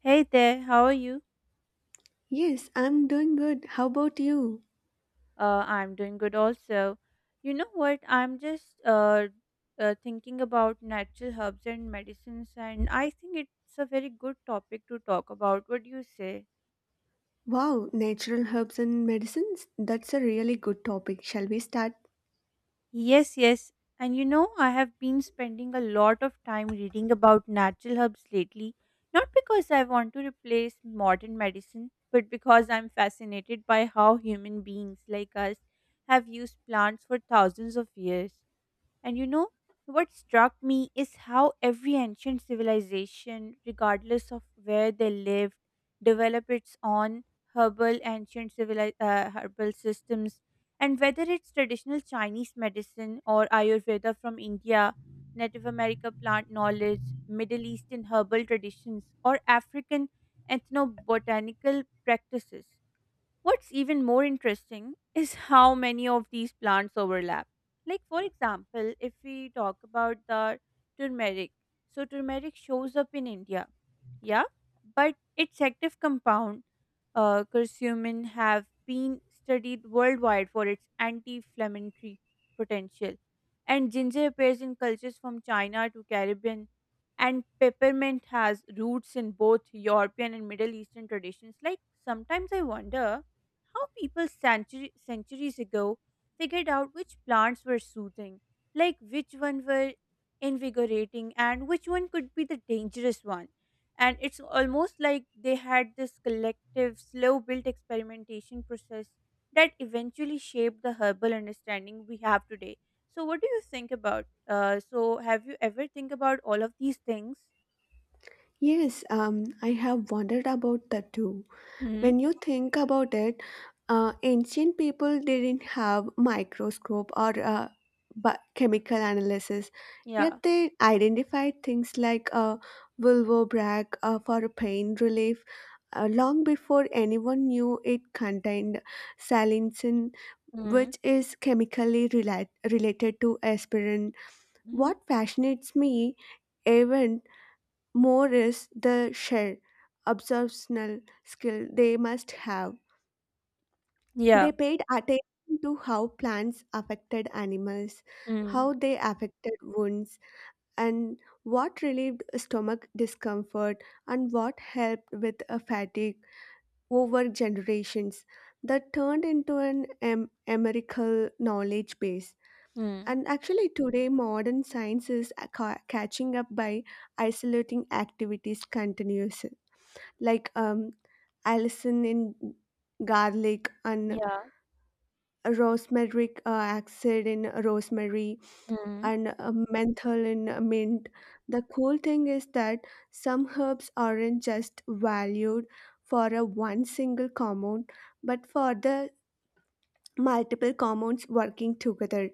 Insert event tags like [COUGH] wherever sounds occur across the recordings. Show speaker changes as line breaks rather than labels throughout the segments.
Hey there, how are you?
Yes, I'm doing good. How about you?
I'm doing good also. You know what? I'm just Thinking about natural herbs and medicines, and I think it's a very good topic to talk about. What do you say?
Wow, natural herbs and medicines? That's a really good topic. Shall we start?
Yes, yes. And you know, I have been spending a lot of time reading about natural herbs lately, not because I want to replace modern medicine, but because I'm fascinated by how human beings like us have used plants for thousands of years. And you know, what struck me is how every ancient civilization, regardless of where they lived, developed its own herbal systems. And whether it's traditional Chinese medicine or Ayurveda from India, Native America plant knowledge, Middle Eastern herbal traditions, or African ethnobotanical practices, what's even more interesting is how many of these plants overlap. Like, for example, if we talk about the turmeric, so turmeric shows up in India, yeah, but its active compound, curcumin, have been studied worldwide for its anti inflammatory potential. And ginger appears in cultures from China to Caribbean, and peppermint has roots in both European and Middle Eastern traditions. Like, sometimes I wonder how people centuries ago figured out which plants were soothing, like which one were invigorating and which one could be the dangerous one. And it's almost like they had this collective, slow built experimentation process that eventually shaped the herbal understanding we have today. So, what do you think about? So, have you ever think about all of these things?
Yes, I have wondered about that too.
Mm-hmm.
When you think about it, ancient people didn't have microscope or chemical analysis, yet
Yeah.
they identified things like vulvobrach for pain relief long before anyone knew it contained salicin,
Mm-hmm.
which is chemically related to aspirin.
Hmm.
What fascinates me even more is the share observational skill they must have. They
Yeah.
paid attention to how plants affected animals, how they affected wounds, and what relieved stomach discomfort and what helped with a fatigue over generations. That turned into an empirical knowledge base.
Mm-hmm.
And actually, today, modern science is catching up by isolating activities continuously. Like Alison in garlic and
Yeah.
rosemary, acid in rosemary
Mm-hmm.
and menthol in mint. The cool thing is that some herbs aren't just valued for a one single compound, but for the multiple compounds working together.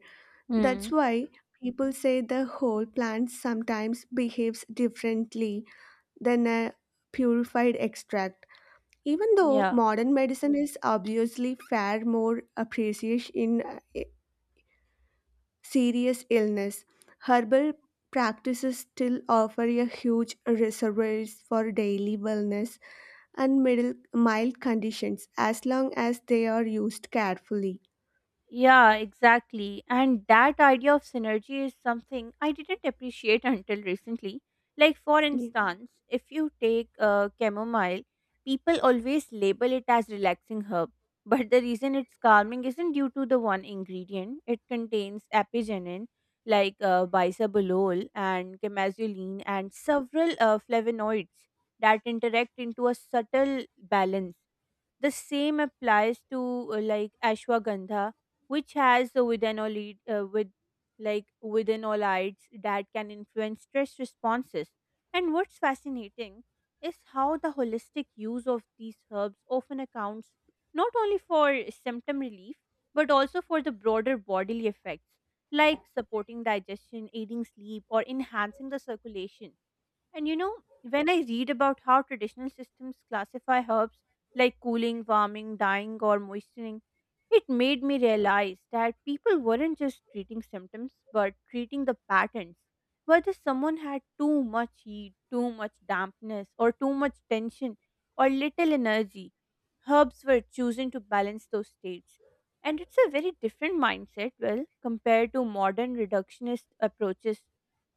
Mm.
That's why people say the whole plant sometimes behaves differently than a purified extract. Even though
Yeah.
modern medicine is obviously far more appreciated in serious illness, herbal practices still offer a huge reservoirs for daily wellness and mild conditions as long as they are used carefully.
Yeah, exactly. And that idea of synergy is something I didn't appreciate [LAUGHS] until recently. Like, for
Yeah.
instance, if you take chamomile, people always label it as relaxing herb. But the reason it's calming isn't due to the one ingredient. It contains apigenin, like bisabolol and chemazoline, and several flavonoids that interact into a subtle balance the same applies to like ashwagandha which has a within all with like withanolides that can influence stress responses. And what's fascinating is how the holistic use of these herbs often accounts not only for symptom relief but also for the broader bodily effects like supporting digestion, aiding sleep, or enhancing the circulation. And you know, when I read about how traditional systems classify herbs like cooling, warming, dyeing, or moistening, it made me realize that people weren't just treating symptoms but treating the patterns. Whether someone had too much heat, too much dampness, or too much tension, or little energy, herbs were chosen to balance those states. And it's a very different mindset, well, compared to modern reductionist approaches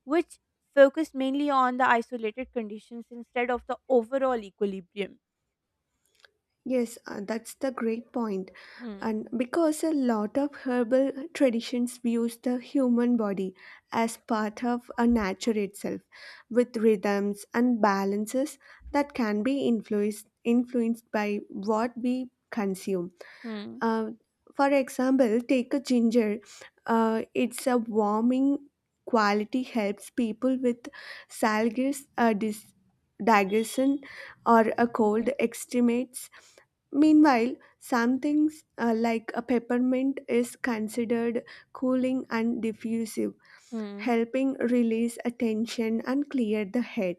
which focused mainly on the isolated conditions instead of the overall equilibrium.
Yes, that's the great point.
Hmm.
And because a lot of herbal traditions views the human body as part of a nature itself, with rhythms and balances that can be influenced by what we consume.
Hmm.
Uh, for example, take a ginger. It's a warming quality helps people with salgus digestion or a
Hmm.
cold extremities. Meanwhile, some things like a peppermint is considered cooling and diffusive,
Hmm.
helping release attention and clear the head.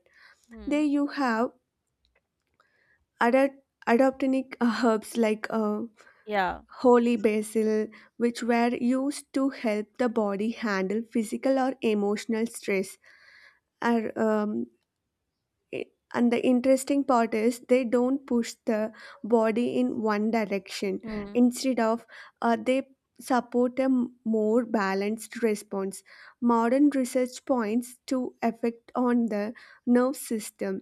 Hmm.
There you have adaptogenic herbs like
Yeah.
holy basil, which were used to help the body handle physical or emotional stress. Are, um, i- and the interesting part is they don't push the body in one direction.
Hmm.
Instead of, they support a more balanced response. Modern research points to effect on the nerve system,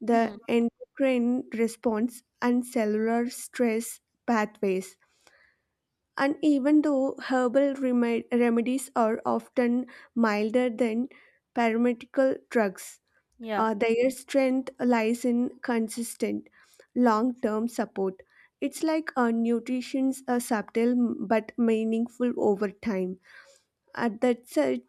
the
Hmm.
endocrine response, and cellular stress pathways, and even though herbal remedies are often milder than pharmaceutical drugs,
Yeah.
their strength lies in consistent, long term support. It's like a nutrition's a subtle but meaningful over time. At that such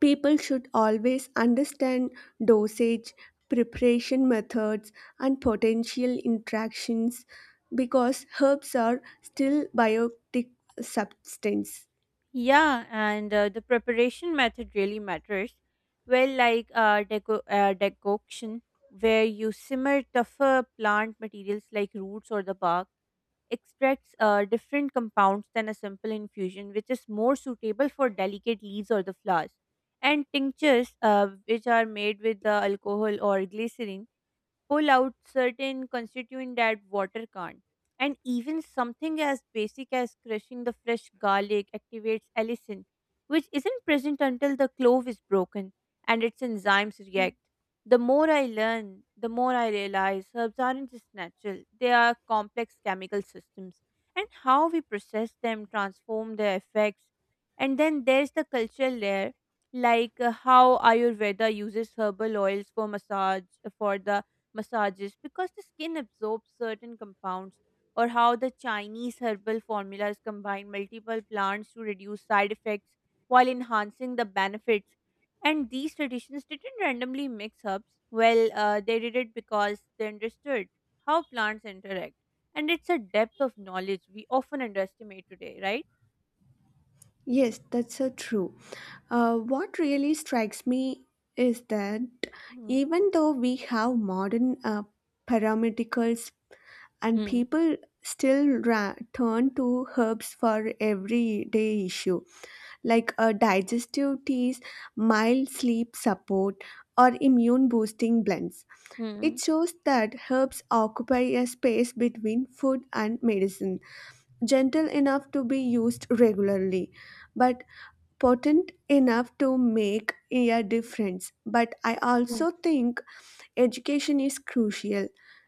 People should always understand dosage, preparation methods, and potential interactions because herbs are still biotic substance.
Yeah. And the preparation method really matters. Well, like decoction, where you simmer tougher plant materials like roots or the bark extracts different compounds than a simple infusion, which is more suitable for delicate leaves or the flowers. And tinctures, which are made with the alcohol or glycerin, pull out certain constituent that water can't. And even something as basic as crushing the fresh garlic activates allicin, which isn't present until the clove is broken and its enzymes react. The more I learn, the more I realize herbs aren't just natural, they are complex chemical systems. And how we process them transform their effects. And then there's the cultural layer, like how Ayurveda uses herbal oils for massage, for the massages because the skin absorbs certain compounds or how the Chinese herbal formulas combine multiple plants to reduce side effects while enhancing the benefits. And these traditions didn't randomly mix herbs. Well, they did it because they understood how plants interact. And it's a depth of knowledge we often underestimate today, right?
Yes, that's so true. What really strikes me is that
Hmm.
even though we have modern paramedicals and
Hmm.
people still turn to herbs for everyday issue like a digestive teas, mild sleep support, or immune boosting blends. It
Hmm.
shows that herbs occupy a space between food and medicine, gentle enough to be used regularly, but potent enough to make a difference. But I
Hmm.
also think education is crucial.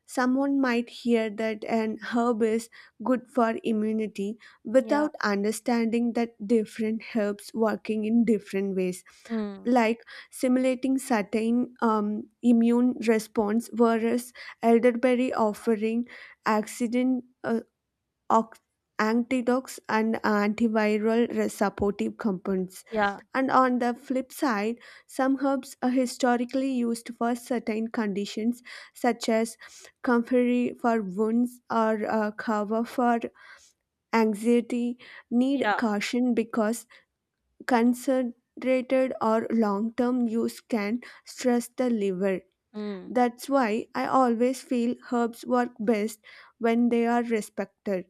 Someone might hear that an herb is good for immunity
Yeah.
without understanding that different herbs working in different ways,
Hmm.
like simulating certain immune response whereas elderberry offering accident ox- antioxidants and antiviral supportive compounds.
Yeah.
And on the flip side, some herbs are historically used for certain conditions, such as comfrey for wounds or kava for anxiety, need
Yeah.
caution because concentrated or long term use can stress the liver.
Hmm.
That's why I always feel herbs work best when they are respected.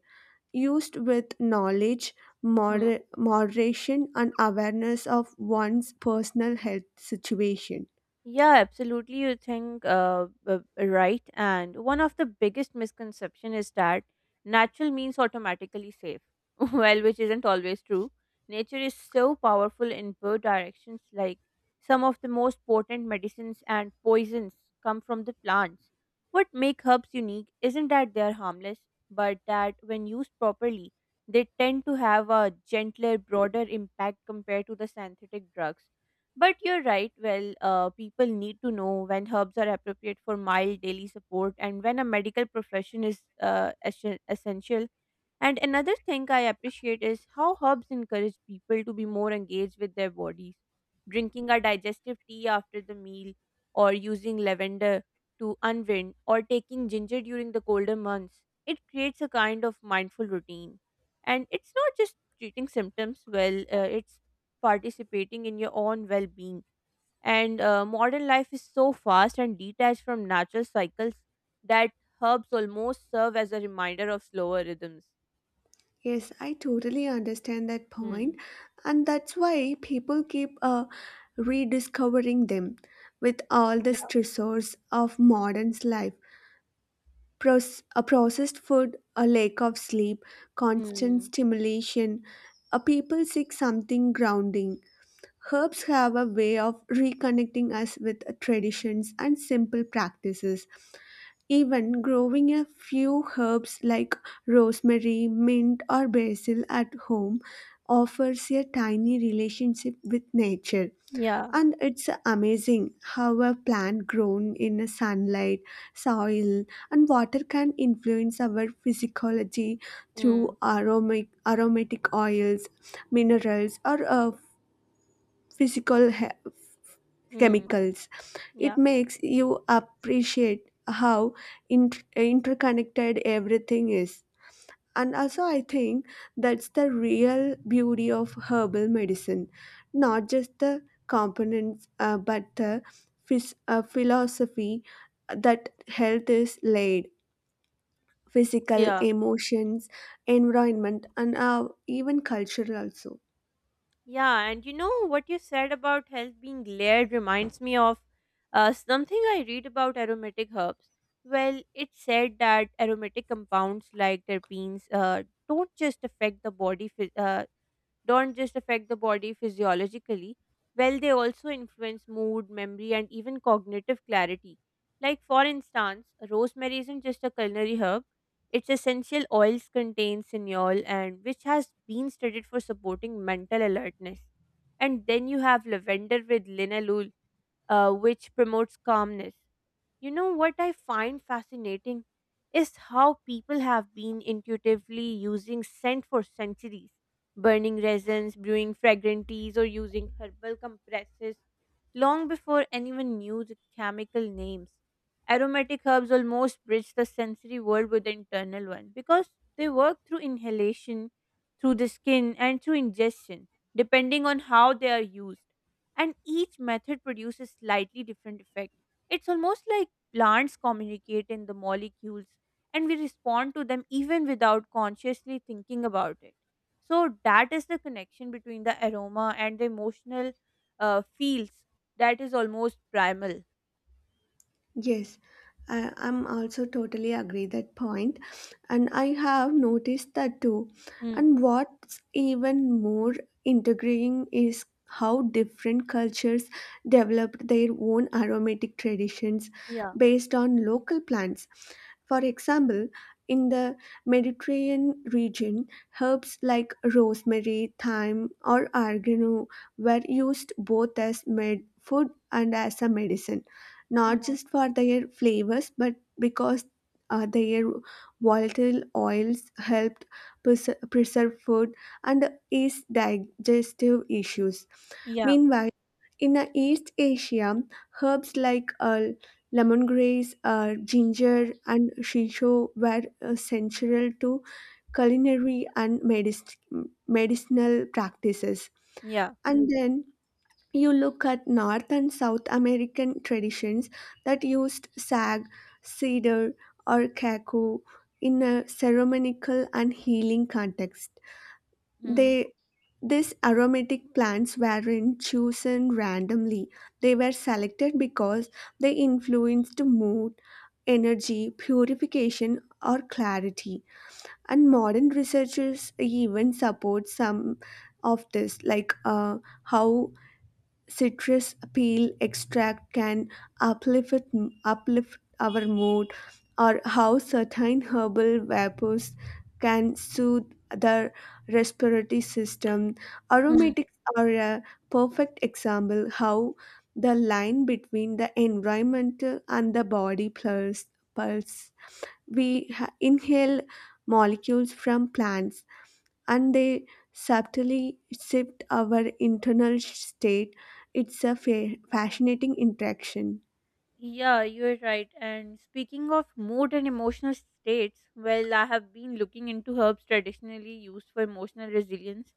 Used with knowledge, moderation, and awareness of one's personal health situation.
Yeah, absolutely. You think Right. And one of the biggest misconception is that natural means automatically safe. [LAUGHS] Well, which isn't always true. Nature is so powerful in both directions. Like some of the most potent medicines and poisons come from the plants. What make herbs unique isn't that they're harmless, but that when used properly, they tend to have a gentler, broader impact compared to the synthetic drugs but you're right. Well, people need to know when herbs are appropriate for mild daily support and when a medical profession is essential and another thing I appreciate is how herbs encourage people to be more engaged with their bodies. Drinking a digestive tea after the meal, or using lavender to unwind, or taking ginger during the colder months, it creates a kind of mindful routine. And it's not just treating symptoms well, it's participating in your own well being. And modern life is so fast and detached from natural cycles that herbs almost serve as a reminder of slower rhythms.
Yes, I totally understand that point,
Mm.
and that's why people keep rediscovering them with all the
Yeah.
stressors of modern's life. A processed food, a lack of sleep, constant
Mm.
stimulation. People seek something grounding. Herbs have a way of reconnecting us with traditions and simple practices. Even growing a few herbs like rosemary, mint, or basil at home offers a tiny relationship with nature.
Yeah.
And it's amazing how a plant grown in sunlight, soil, and water can influence our physiology
Mm.
through aromatic oils, minerals, or physical he-
Mm.
chemicals. It
Yeah.
makes you appreciate how interconnected everything is. And also, I think that's the real beauty of herbal medicine, not just the components, but the philosophy that health is laid physical,
Yeah.
emotions, environment, and even culture also.
Yeah. And you know what you said about health being layered reminds me of something I read about aromatic herbs. Well, it said that aromatic compounds like terpenes don't just affect the body phys- don't just affect the body physiologically, well, they also influence mood, memory, and even cognitive clarity. Like, for instance, rosemary isn't just a culinary herb, its essential oils contain cineol, and which has been studied for supporting mental alertness. And then you have lavender with linalool, which promotes calmness. You know what I find fascinating is how people have been intuitively using scent for centuries, burning resins, brewing fragrant teas, or using herbal compresses long before anyone knew the chemical names. Aromatic herbs almost bridge the sensory world with the internal one because they work through inhalation, through the skin, and through ingestion, depending on how they are used. And each method produces slightly different effect. It's almost like plants communicate in the molecules, and we respond to them even without consciously thinking about it. So, that is the connection between the aroma and the emotional feels that is almost primal.
Yes, I'm also totally agree that point, and I have noticed that too. And
Hmm.
what's even more integrating is how different cultures developed their own aromatic traditions
Yeah.
based on local plants. For example, in the Mediterranean region, herbs like rosemary, thyme, or oregano were used both as med food and as a medicine, not
Hmm.
just for their flavors but because their volatile oils helped preserve food and ease digestive issues.
Yeah.
Meanwhile, in East Asia, herbs like lemongrass, ginger, and shisho were central to culinary and medicinal practices.
Yeah.
And then you look at North and South American traditions that used sag, cedar, or cacao in a ceremonial and healing context.
Hmm.
They These aromatic plants weren't chosen randomly. They were selected because they influenced mood, energy, purification, or clarity. And modern researchers even support some of this, like how citrus peel extract can uplift, uplift our mood, or how certain herbal vapors can soothe the respiratory system. Aromatics are a perfect example how the line between the environment and the body pulse. We inhale molecules from plants and they subtly shift our internal state. It's a fascinating interaction.
Yeah, you're right. And speaking of mood and emotional states, well, I have been looking into herbs traditionally used for emotional resilience.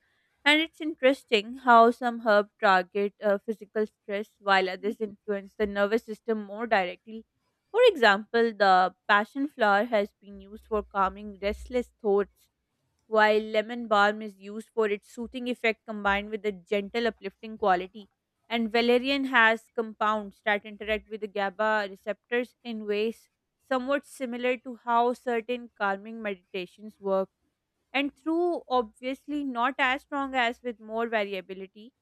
And it's interesting how some herbs target physical stress while others influence the nervous system more directly. For example, the passion flower has been used for calming restless thoughts while lemon balm is used for its soothing effect combined with a gentle uplifting quality. And valerian has compounds that interact with the GABA receptors in ways somewhat similar to how certain calming meditations work, and through obviously not as strong as with more variability.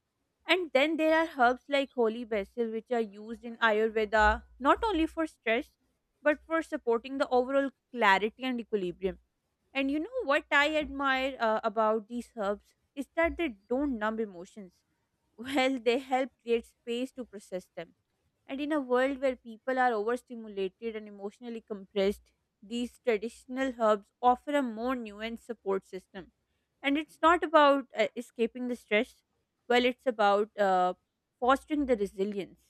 And then there are herbs like holy basil, which are used in Ayurveda not only for stress but for supporting the overall clarity and equilibrium and you know what I admire about these herbs is that they don't numb emotions. [LAUGHS] Well, they help create space to process them. And in a world where people are overstimulated and emotionally compressed, these traditional herbs offer a more nuanced support system. And it's not about escaping the stress, well, it's about fostering the resilience.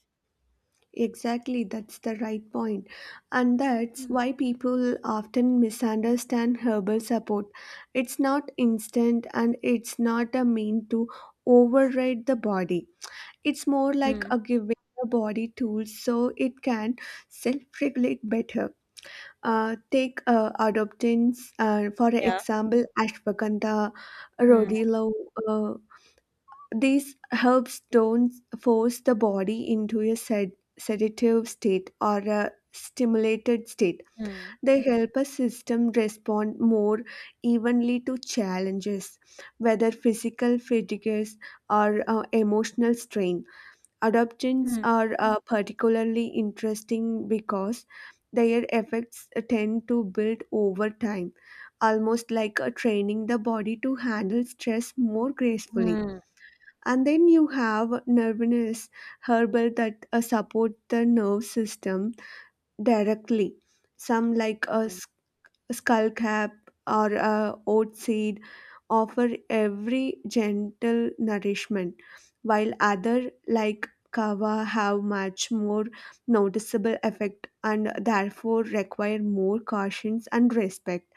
Exactly, that's the right point. And that's
Mhm.
why people often misunderstand herbal support. It's not instant and it's not a mean to override the body. It's more like
Mm.
a giving the body tools so it can self regulate better. Take adoptants, for
Yeah.
example, ashwagandha,
Mm,
rhodiola. Uh, these herbs don't force the body into a sedative state or a stimulated state.
mm,
They help a system respond more evenly to challenges, whether physical fatigues or emotional strain. Adoptions
mm,
are particularly interesting because their effects tend to build over time, almost like training the body to handle stress more gracefully.
mm,
And then you have nerviness herbal that support the nerve system directly. Some like
mm,
skullcap, or a oat seed offer every gentle nourishment, while other like kava have much more noticeable effect and therefore require more cautions and respect.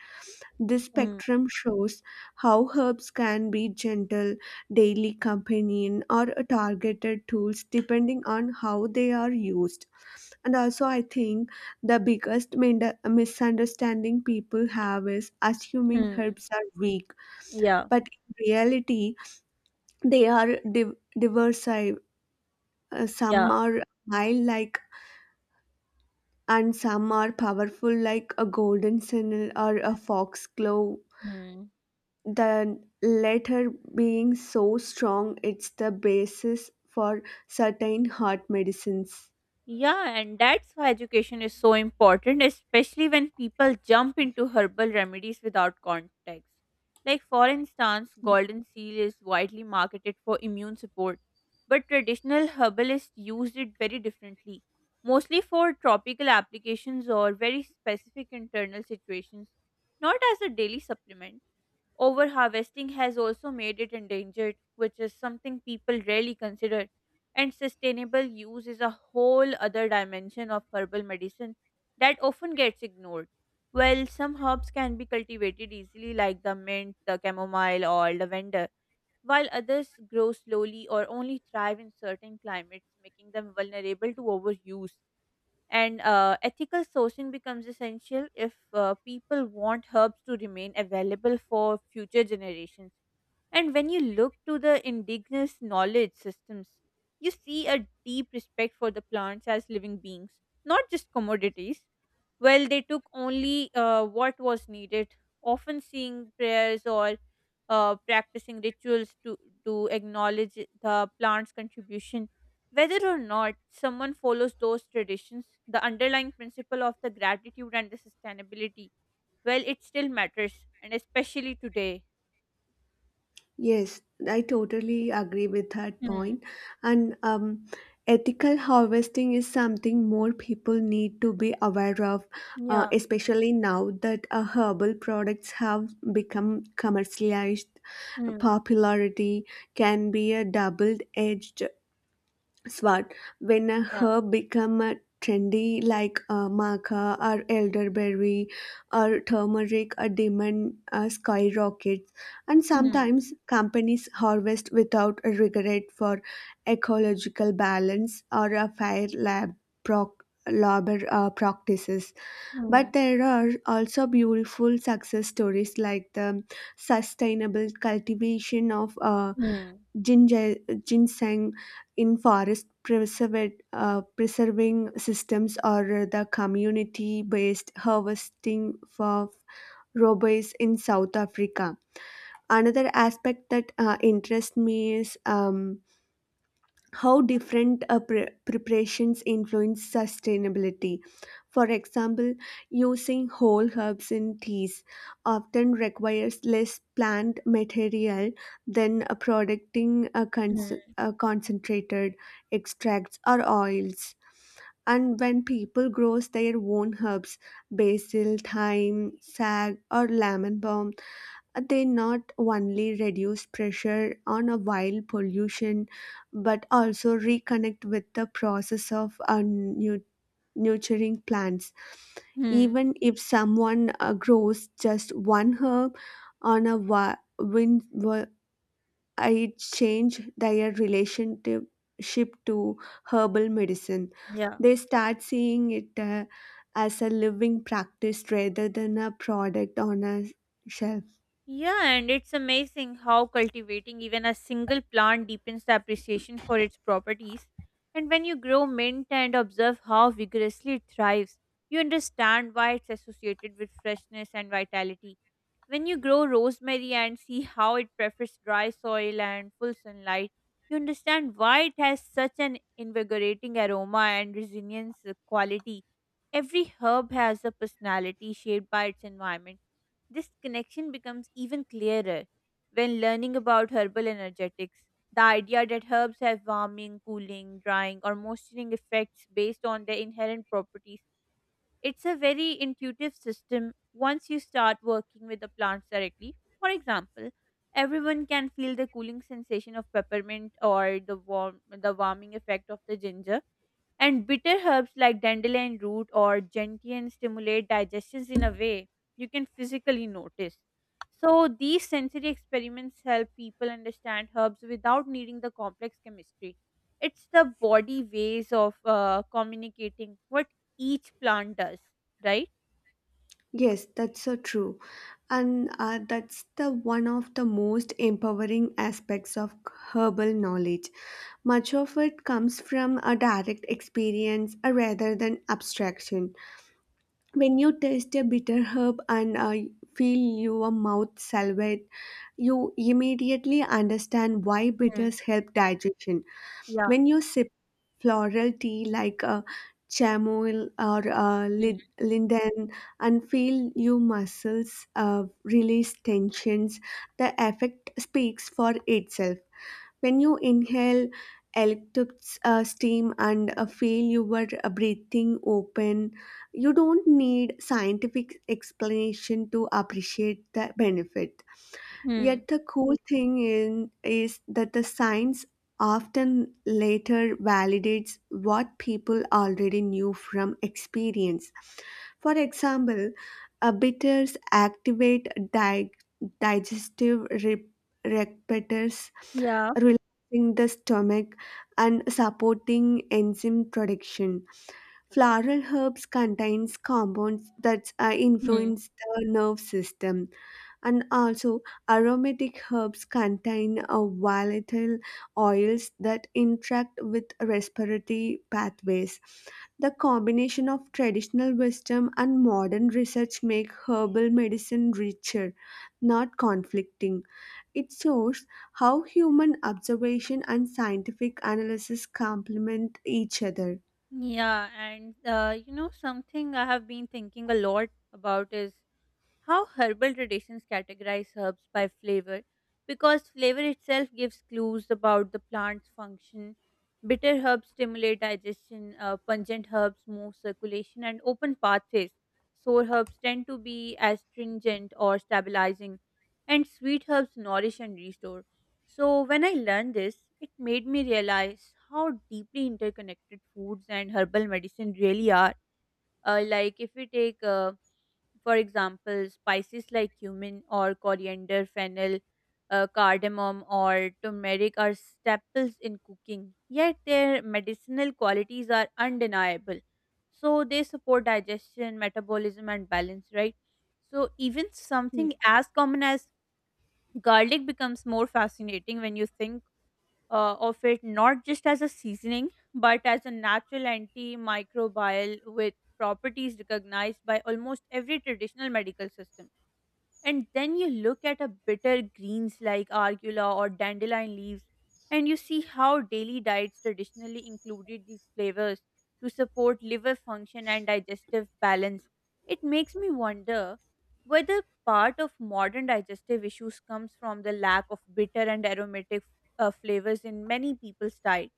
This
mm,
spectrum shows how herbs can be gentle, daily companion, or targeted tools depending on how they are used. And also, I think the biggest misunderstanding people have is assuming
mm.
herbs are weak,
Yeah.
but in reality, they are diverse. Some
Yeah.
are mild, like, and some are powerful, like a golden signal or a foxglove.
Mm.
The latter being so strong, it's the basis for certain heart medicines.
Yeah, and that's why education is so important, especially when people jump into herbal remedies without context. Like, for instance, golden seal is widely marketed for immune support, but traditional herbalists used it very differently, mostly for tropical applications or very specific internal situations, not as a daily supplement. Over harvesting has also made it endangered, which is something people rarely consider. And sustainable use is a whole other dimension of herbal medicine that often gets ignored. Well, some herbs can be cultivated easily, like the mint, the chamomile, or lavender, while others grow slowly or only thrive in certain climates, making them vulnerable to overuse. And ethical sourcing becomes essential if people want herbs to remain available for future generations. And when you look to the indigenous knowledge systems, you see a deep respect for the plants as living beings, not just commodities. Well, they took only what was needed, often saying prayers or practicing rituals to acknowledge the plant's contribution. Whether or not someone follows those traditions, the underlying principle of the gratitude and the sustainability, well, it still matters, and especially today.
Yes, I totally agree with that
Hmm.
point. And ethical harvesting is something more people need to be aware of,
Yeah.
especially now that herbal products have become commercialized.
Hmm.
Popularity can be a double edged Swat. When a
Yeah.
herb become a trendy like maca or elderberry or turmeric, a demon skyrockets. And
Hmm.
sometimes companies harvest without a regret for ecological balance or a fair labor practices.
Hmm.
But there are also beautiful success stories like the sustainable cultivation of
Hmm.
ginger, ginseng in forest preserving systems, or the community based harvesting of robes in South Africa. Another aspect that interests me is how different preparations influence sustainability. For example, using whole herbs in teas often requires less plant material than producing a cons-
Hmm.
a concentrated extracts or oils. And when people grow their own herbs, basil, thyme, sag, or lemon balm, they not only reduce pressure on a wild pollution but also reconnect with the process of nurturing plants.
Hmm.
Even if someone grows just one herb on a wind, it change their relationship to herbal medicine.
Yeah.
They start seeing it as a living practice rather than a product on a shelf.
Yeah, and it's amazing how cultivating even a single plant deepens the appreciation for its properties. And when you grow mint and observe how vigorously it thrives, you understand why it's associated with freshness and vitality. When you grow rosemary and see how it prefers dry soil and full sunlight, you understand why it has such an invigorating aroma and resilience quality. Every herb has a personality shaped by its environment, this connection becomes even clearer when learning about herbal energetics. The idea that herbs have warming, cooling, drying, or moisturizing effects based on their inherent properties. It's a very intuitive system once you start working with the plants directly. For example, everyone can feel the cooling sensation of peppermint or the warming effect of the ginger, and bitter herbs like dandelion root or gentian stimulate digestions in a way you can physically notice. So these sensory experiments help people understand herbs without needing the complex chemistry. It's the body ways of communicating what each plant does, right?
Yes, that's so true, and that's the one of the most empowering aspects of herbal knowledge. Much of it comes from a direct experience rather than abstraction. When you taste a bitter herb and feel your mouth salivate, you immediately understand why
Hmm.
bitters help digestion.
Yeah.
When you sip floral tea like chamomile or
Hmm.
linden and feel your muscles release tensions, the effect speaks for itself. When you inhale electric steam and feel your breathing open, you don't need scientific explanation to appreciate the benefit.
Hmm.
Yet the cool thing in is that the science often later validates what people already knew from experience. For example, bitters activate di- digestive receptors,
Yeah.
relaxing the stomach and supporting enzyme production. Floral herbs contains compounds that
Hmm.
influence the nerve system, and also, aromatic herbs contain volatile oils that interact with respiratory pathways. The combination of traditional wisdom and modern research make herbal medicine richer, not conflicting. It shows how human observation and scientific analysis complement each other.
Yeah, and something I have been thinking a lot about is how herbal traditions categorize herbs by flavor, because flavor itself gives clues about the plant's function. Bitter herbs stimulate digestion, pungent herbs move circulation and open pathways. Sour herbs tend to be astringent or stabilizing, and sweet herbs nourish and restore. So, when I learned this, it made me realize how deeply interconnected foods and herbal medicine really are. Like, if we take for example, spices like cumin or coriander, fennel, cardamom, or turmeric are staples in cooking, yet their medicinal qualities are undeniable. So they support digestion, metabolism, and balance, right? So even something
Yes.
as common as garlic becomes more fascinating when you think of it not just as a seasoning but as a natural antimicrobial with properties recognized by almost every traditional medical system. And then you look at a bitter greens like arugula or dandelion leaves, and you see how daily diets traditionally included these flavors to support liver function and digestive balance. It makes me wonder whether part of modern digestive issues comes from the lack of bitter and aromatic flavors in many people's diet.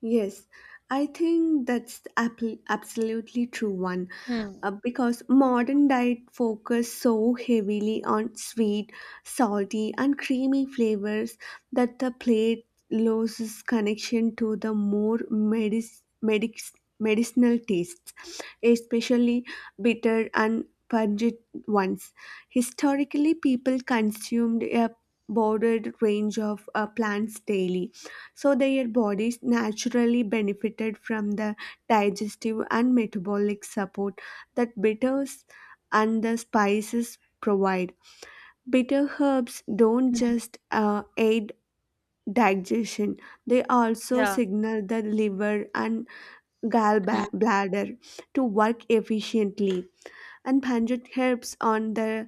Yes, I think that's the absolutely true one,
Hmm.
because modern diet focus so heavily on sweet, salty and creamy flavors that the plate loses connection to the more medicinal tastes, especially bitter and pungent ones. Historically, people consumed a broader range of plants daily so their bodies naturally benefited from the digestive and metabolic support that bitters and the spices provide. Bitter herbs don't
Hmm.
just aid digestion, they also
Yeah.
signal the liver and
Hmm.
gallbladder to work efficiently. And pungent herbs on the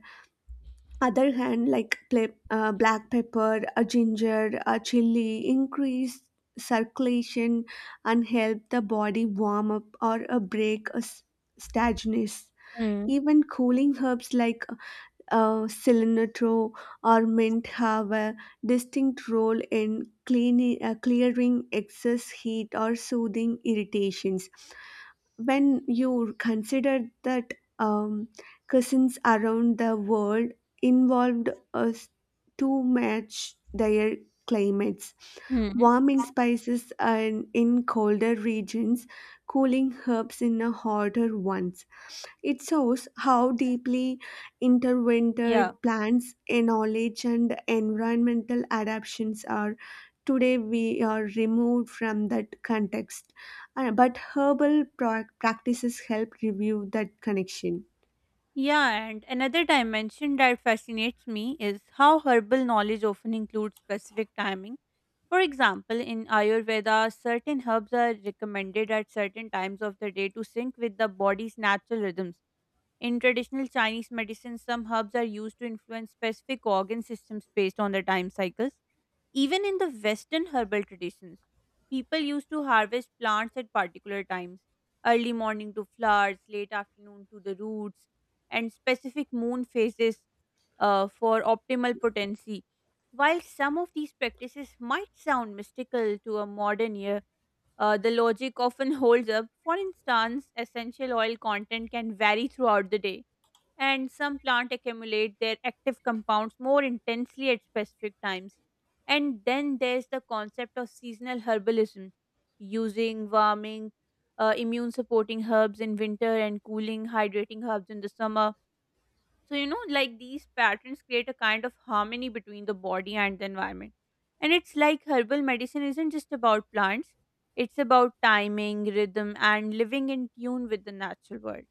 other hand, like black pepper, a ginger, a chili, increase circulation and help the body warm up or a break a stagnance.
Hmm.
Even cooling herbs like cilantro or mint have a distinct role in clearing excess heat or soothing irritations. When you consider that cousins around the world involved us to match their climates,
Hmm.
warming spices and in colder regions, cooling herbs in a hotter ones, it shows how deeply intertwined
Yeah.
plants, knowledge, and environmental adaptations are. Today, we are removed from that context, but herbal practices help review that connection.
Yeah, and another dimension that fascinates me is how herbal knowledge often includes specific timing. For example, in Ayurveda, certain herbs are recommended at certain times of the day to sync with the body's natural rhythms. In traditional Chinese medicine, some herbs are used to influence specific organ systems based on the time cycles. Even in the Western herbal traditions, people used to harvest plants at particular times, early morning to flowers, late afternoon to the roots, and specific moon phases for optimal potency. While some of these practices might sound mystical to a modern ear, the logic often [LAUGHS] holds up. For instance, essential oil content can vary throughout the day, and some plant accumulate their active compounds more intensely at specific times. And then there's the concept of seasonal herbalism, using warming, immune supporting herbs in winter and cooling, hydrating herbs in the summer. So, you know, like these patterns create a kind of harmony between the body and the environment. And it's like herbal medicine isn't just about plants, it's about timing, rhythm, and living in tune with the natural world.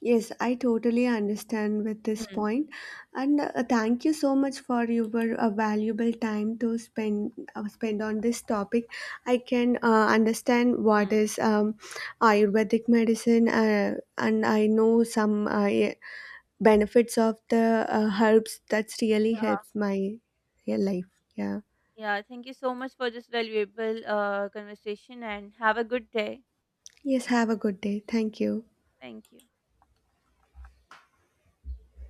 Yes, I totally understand with this
Hmm.
point, and thank you so much for your valuable time to spend on this topic. I can understand what
Hmm.
is Ayurvedic medicine, and I know some benefits of the herbs. That's really helped my life. Yeah.
Yeah, thank you so much for this valuable conversation and have a good day.
Yes. Have a good day. Thank you.
Thank you.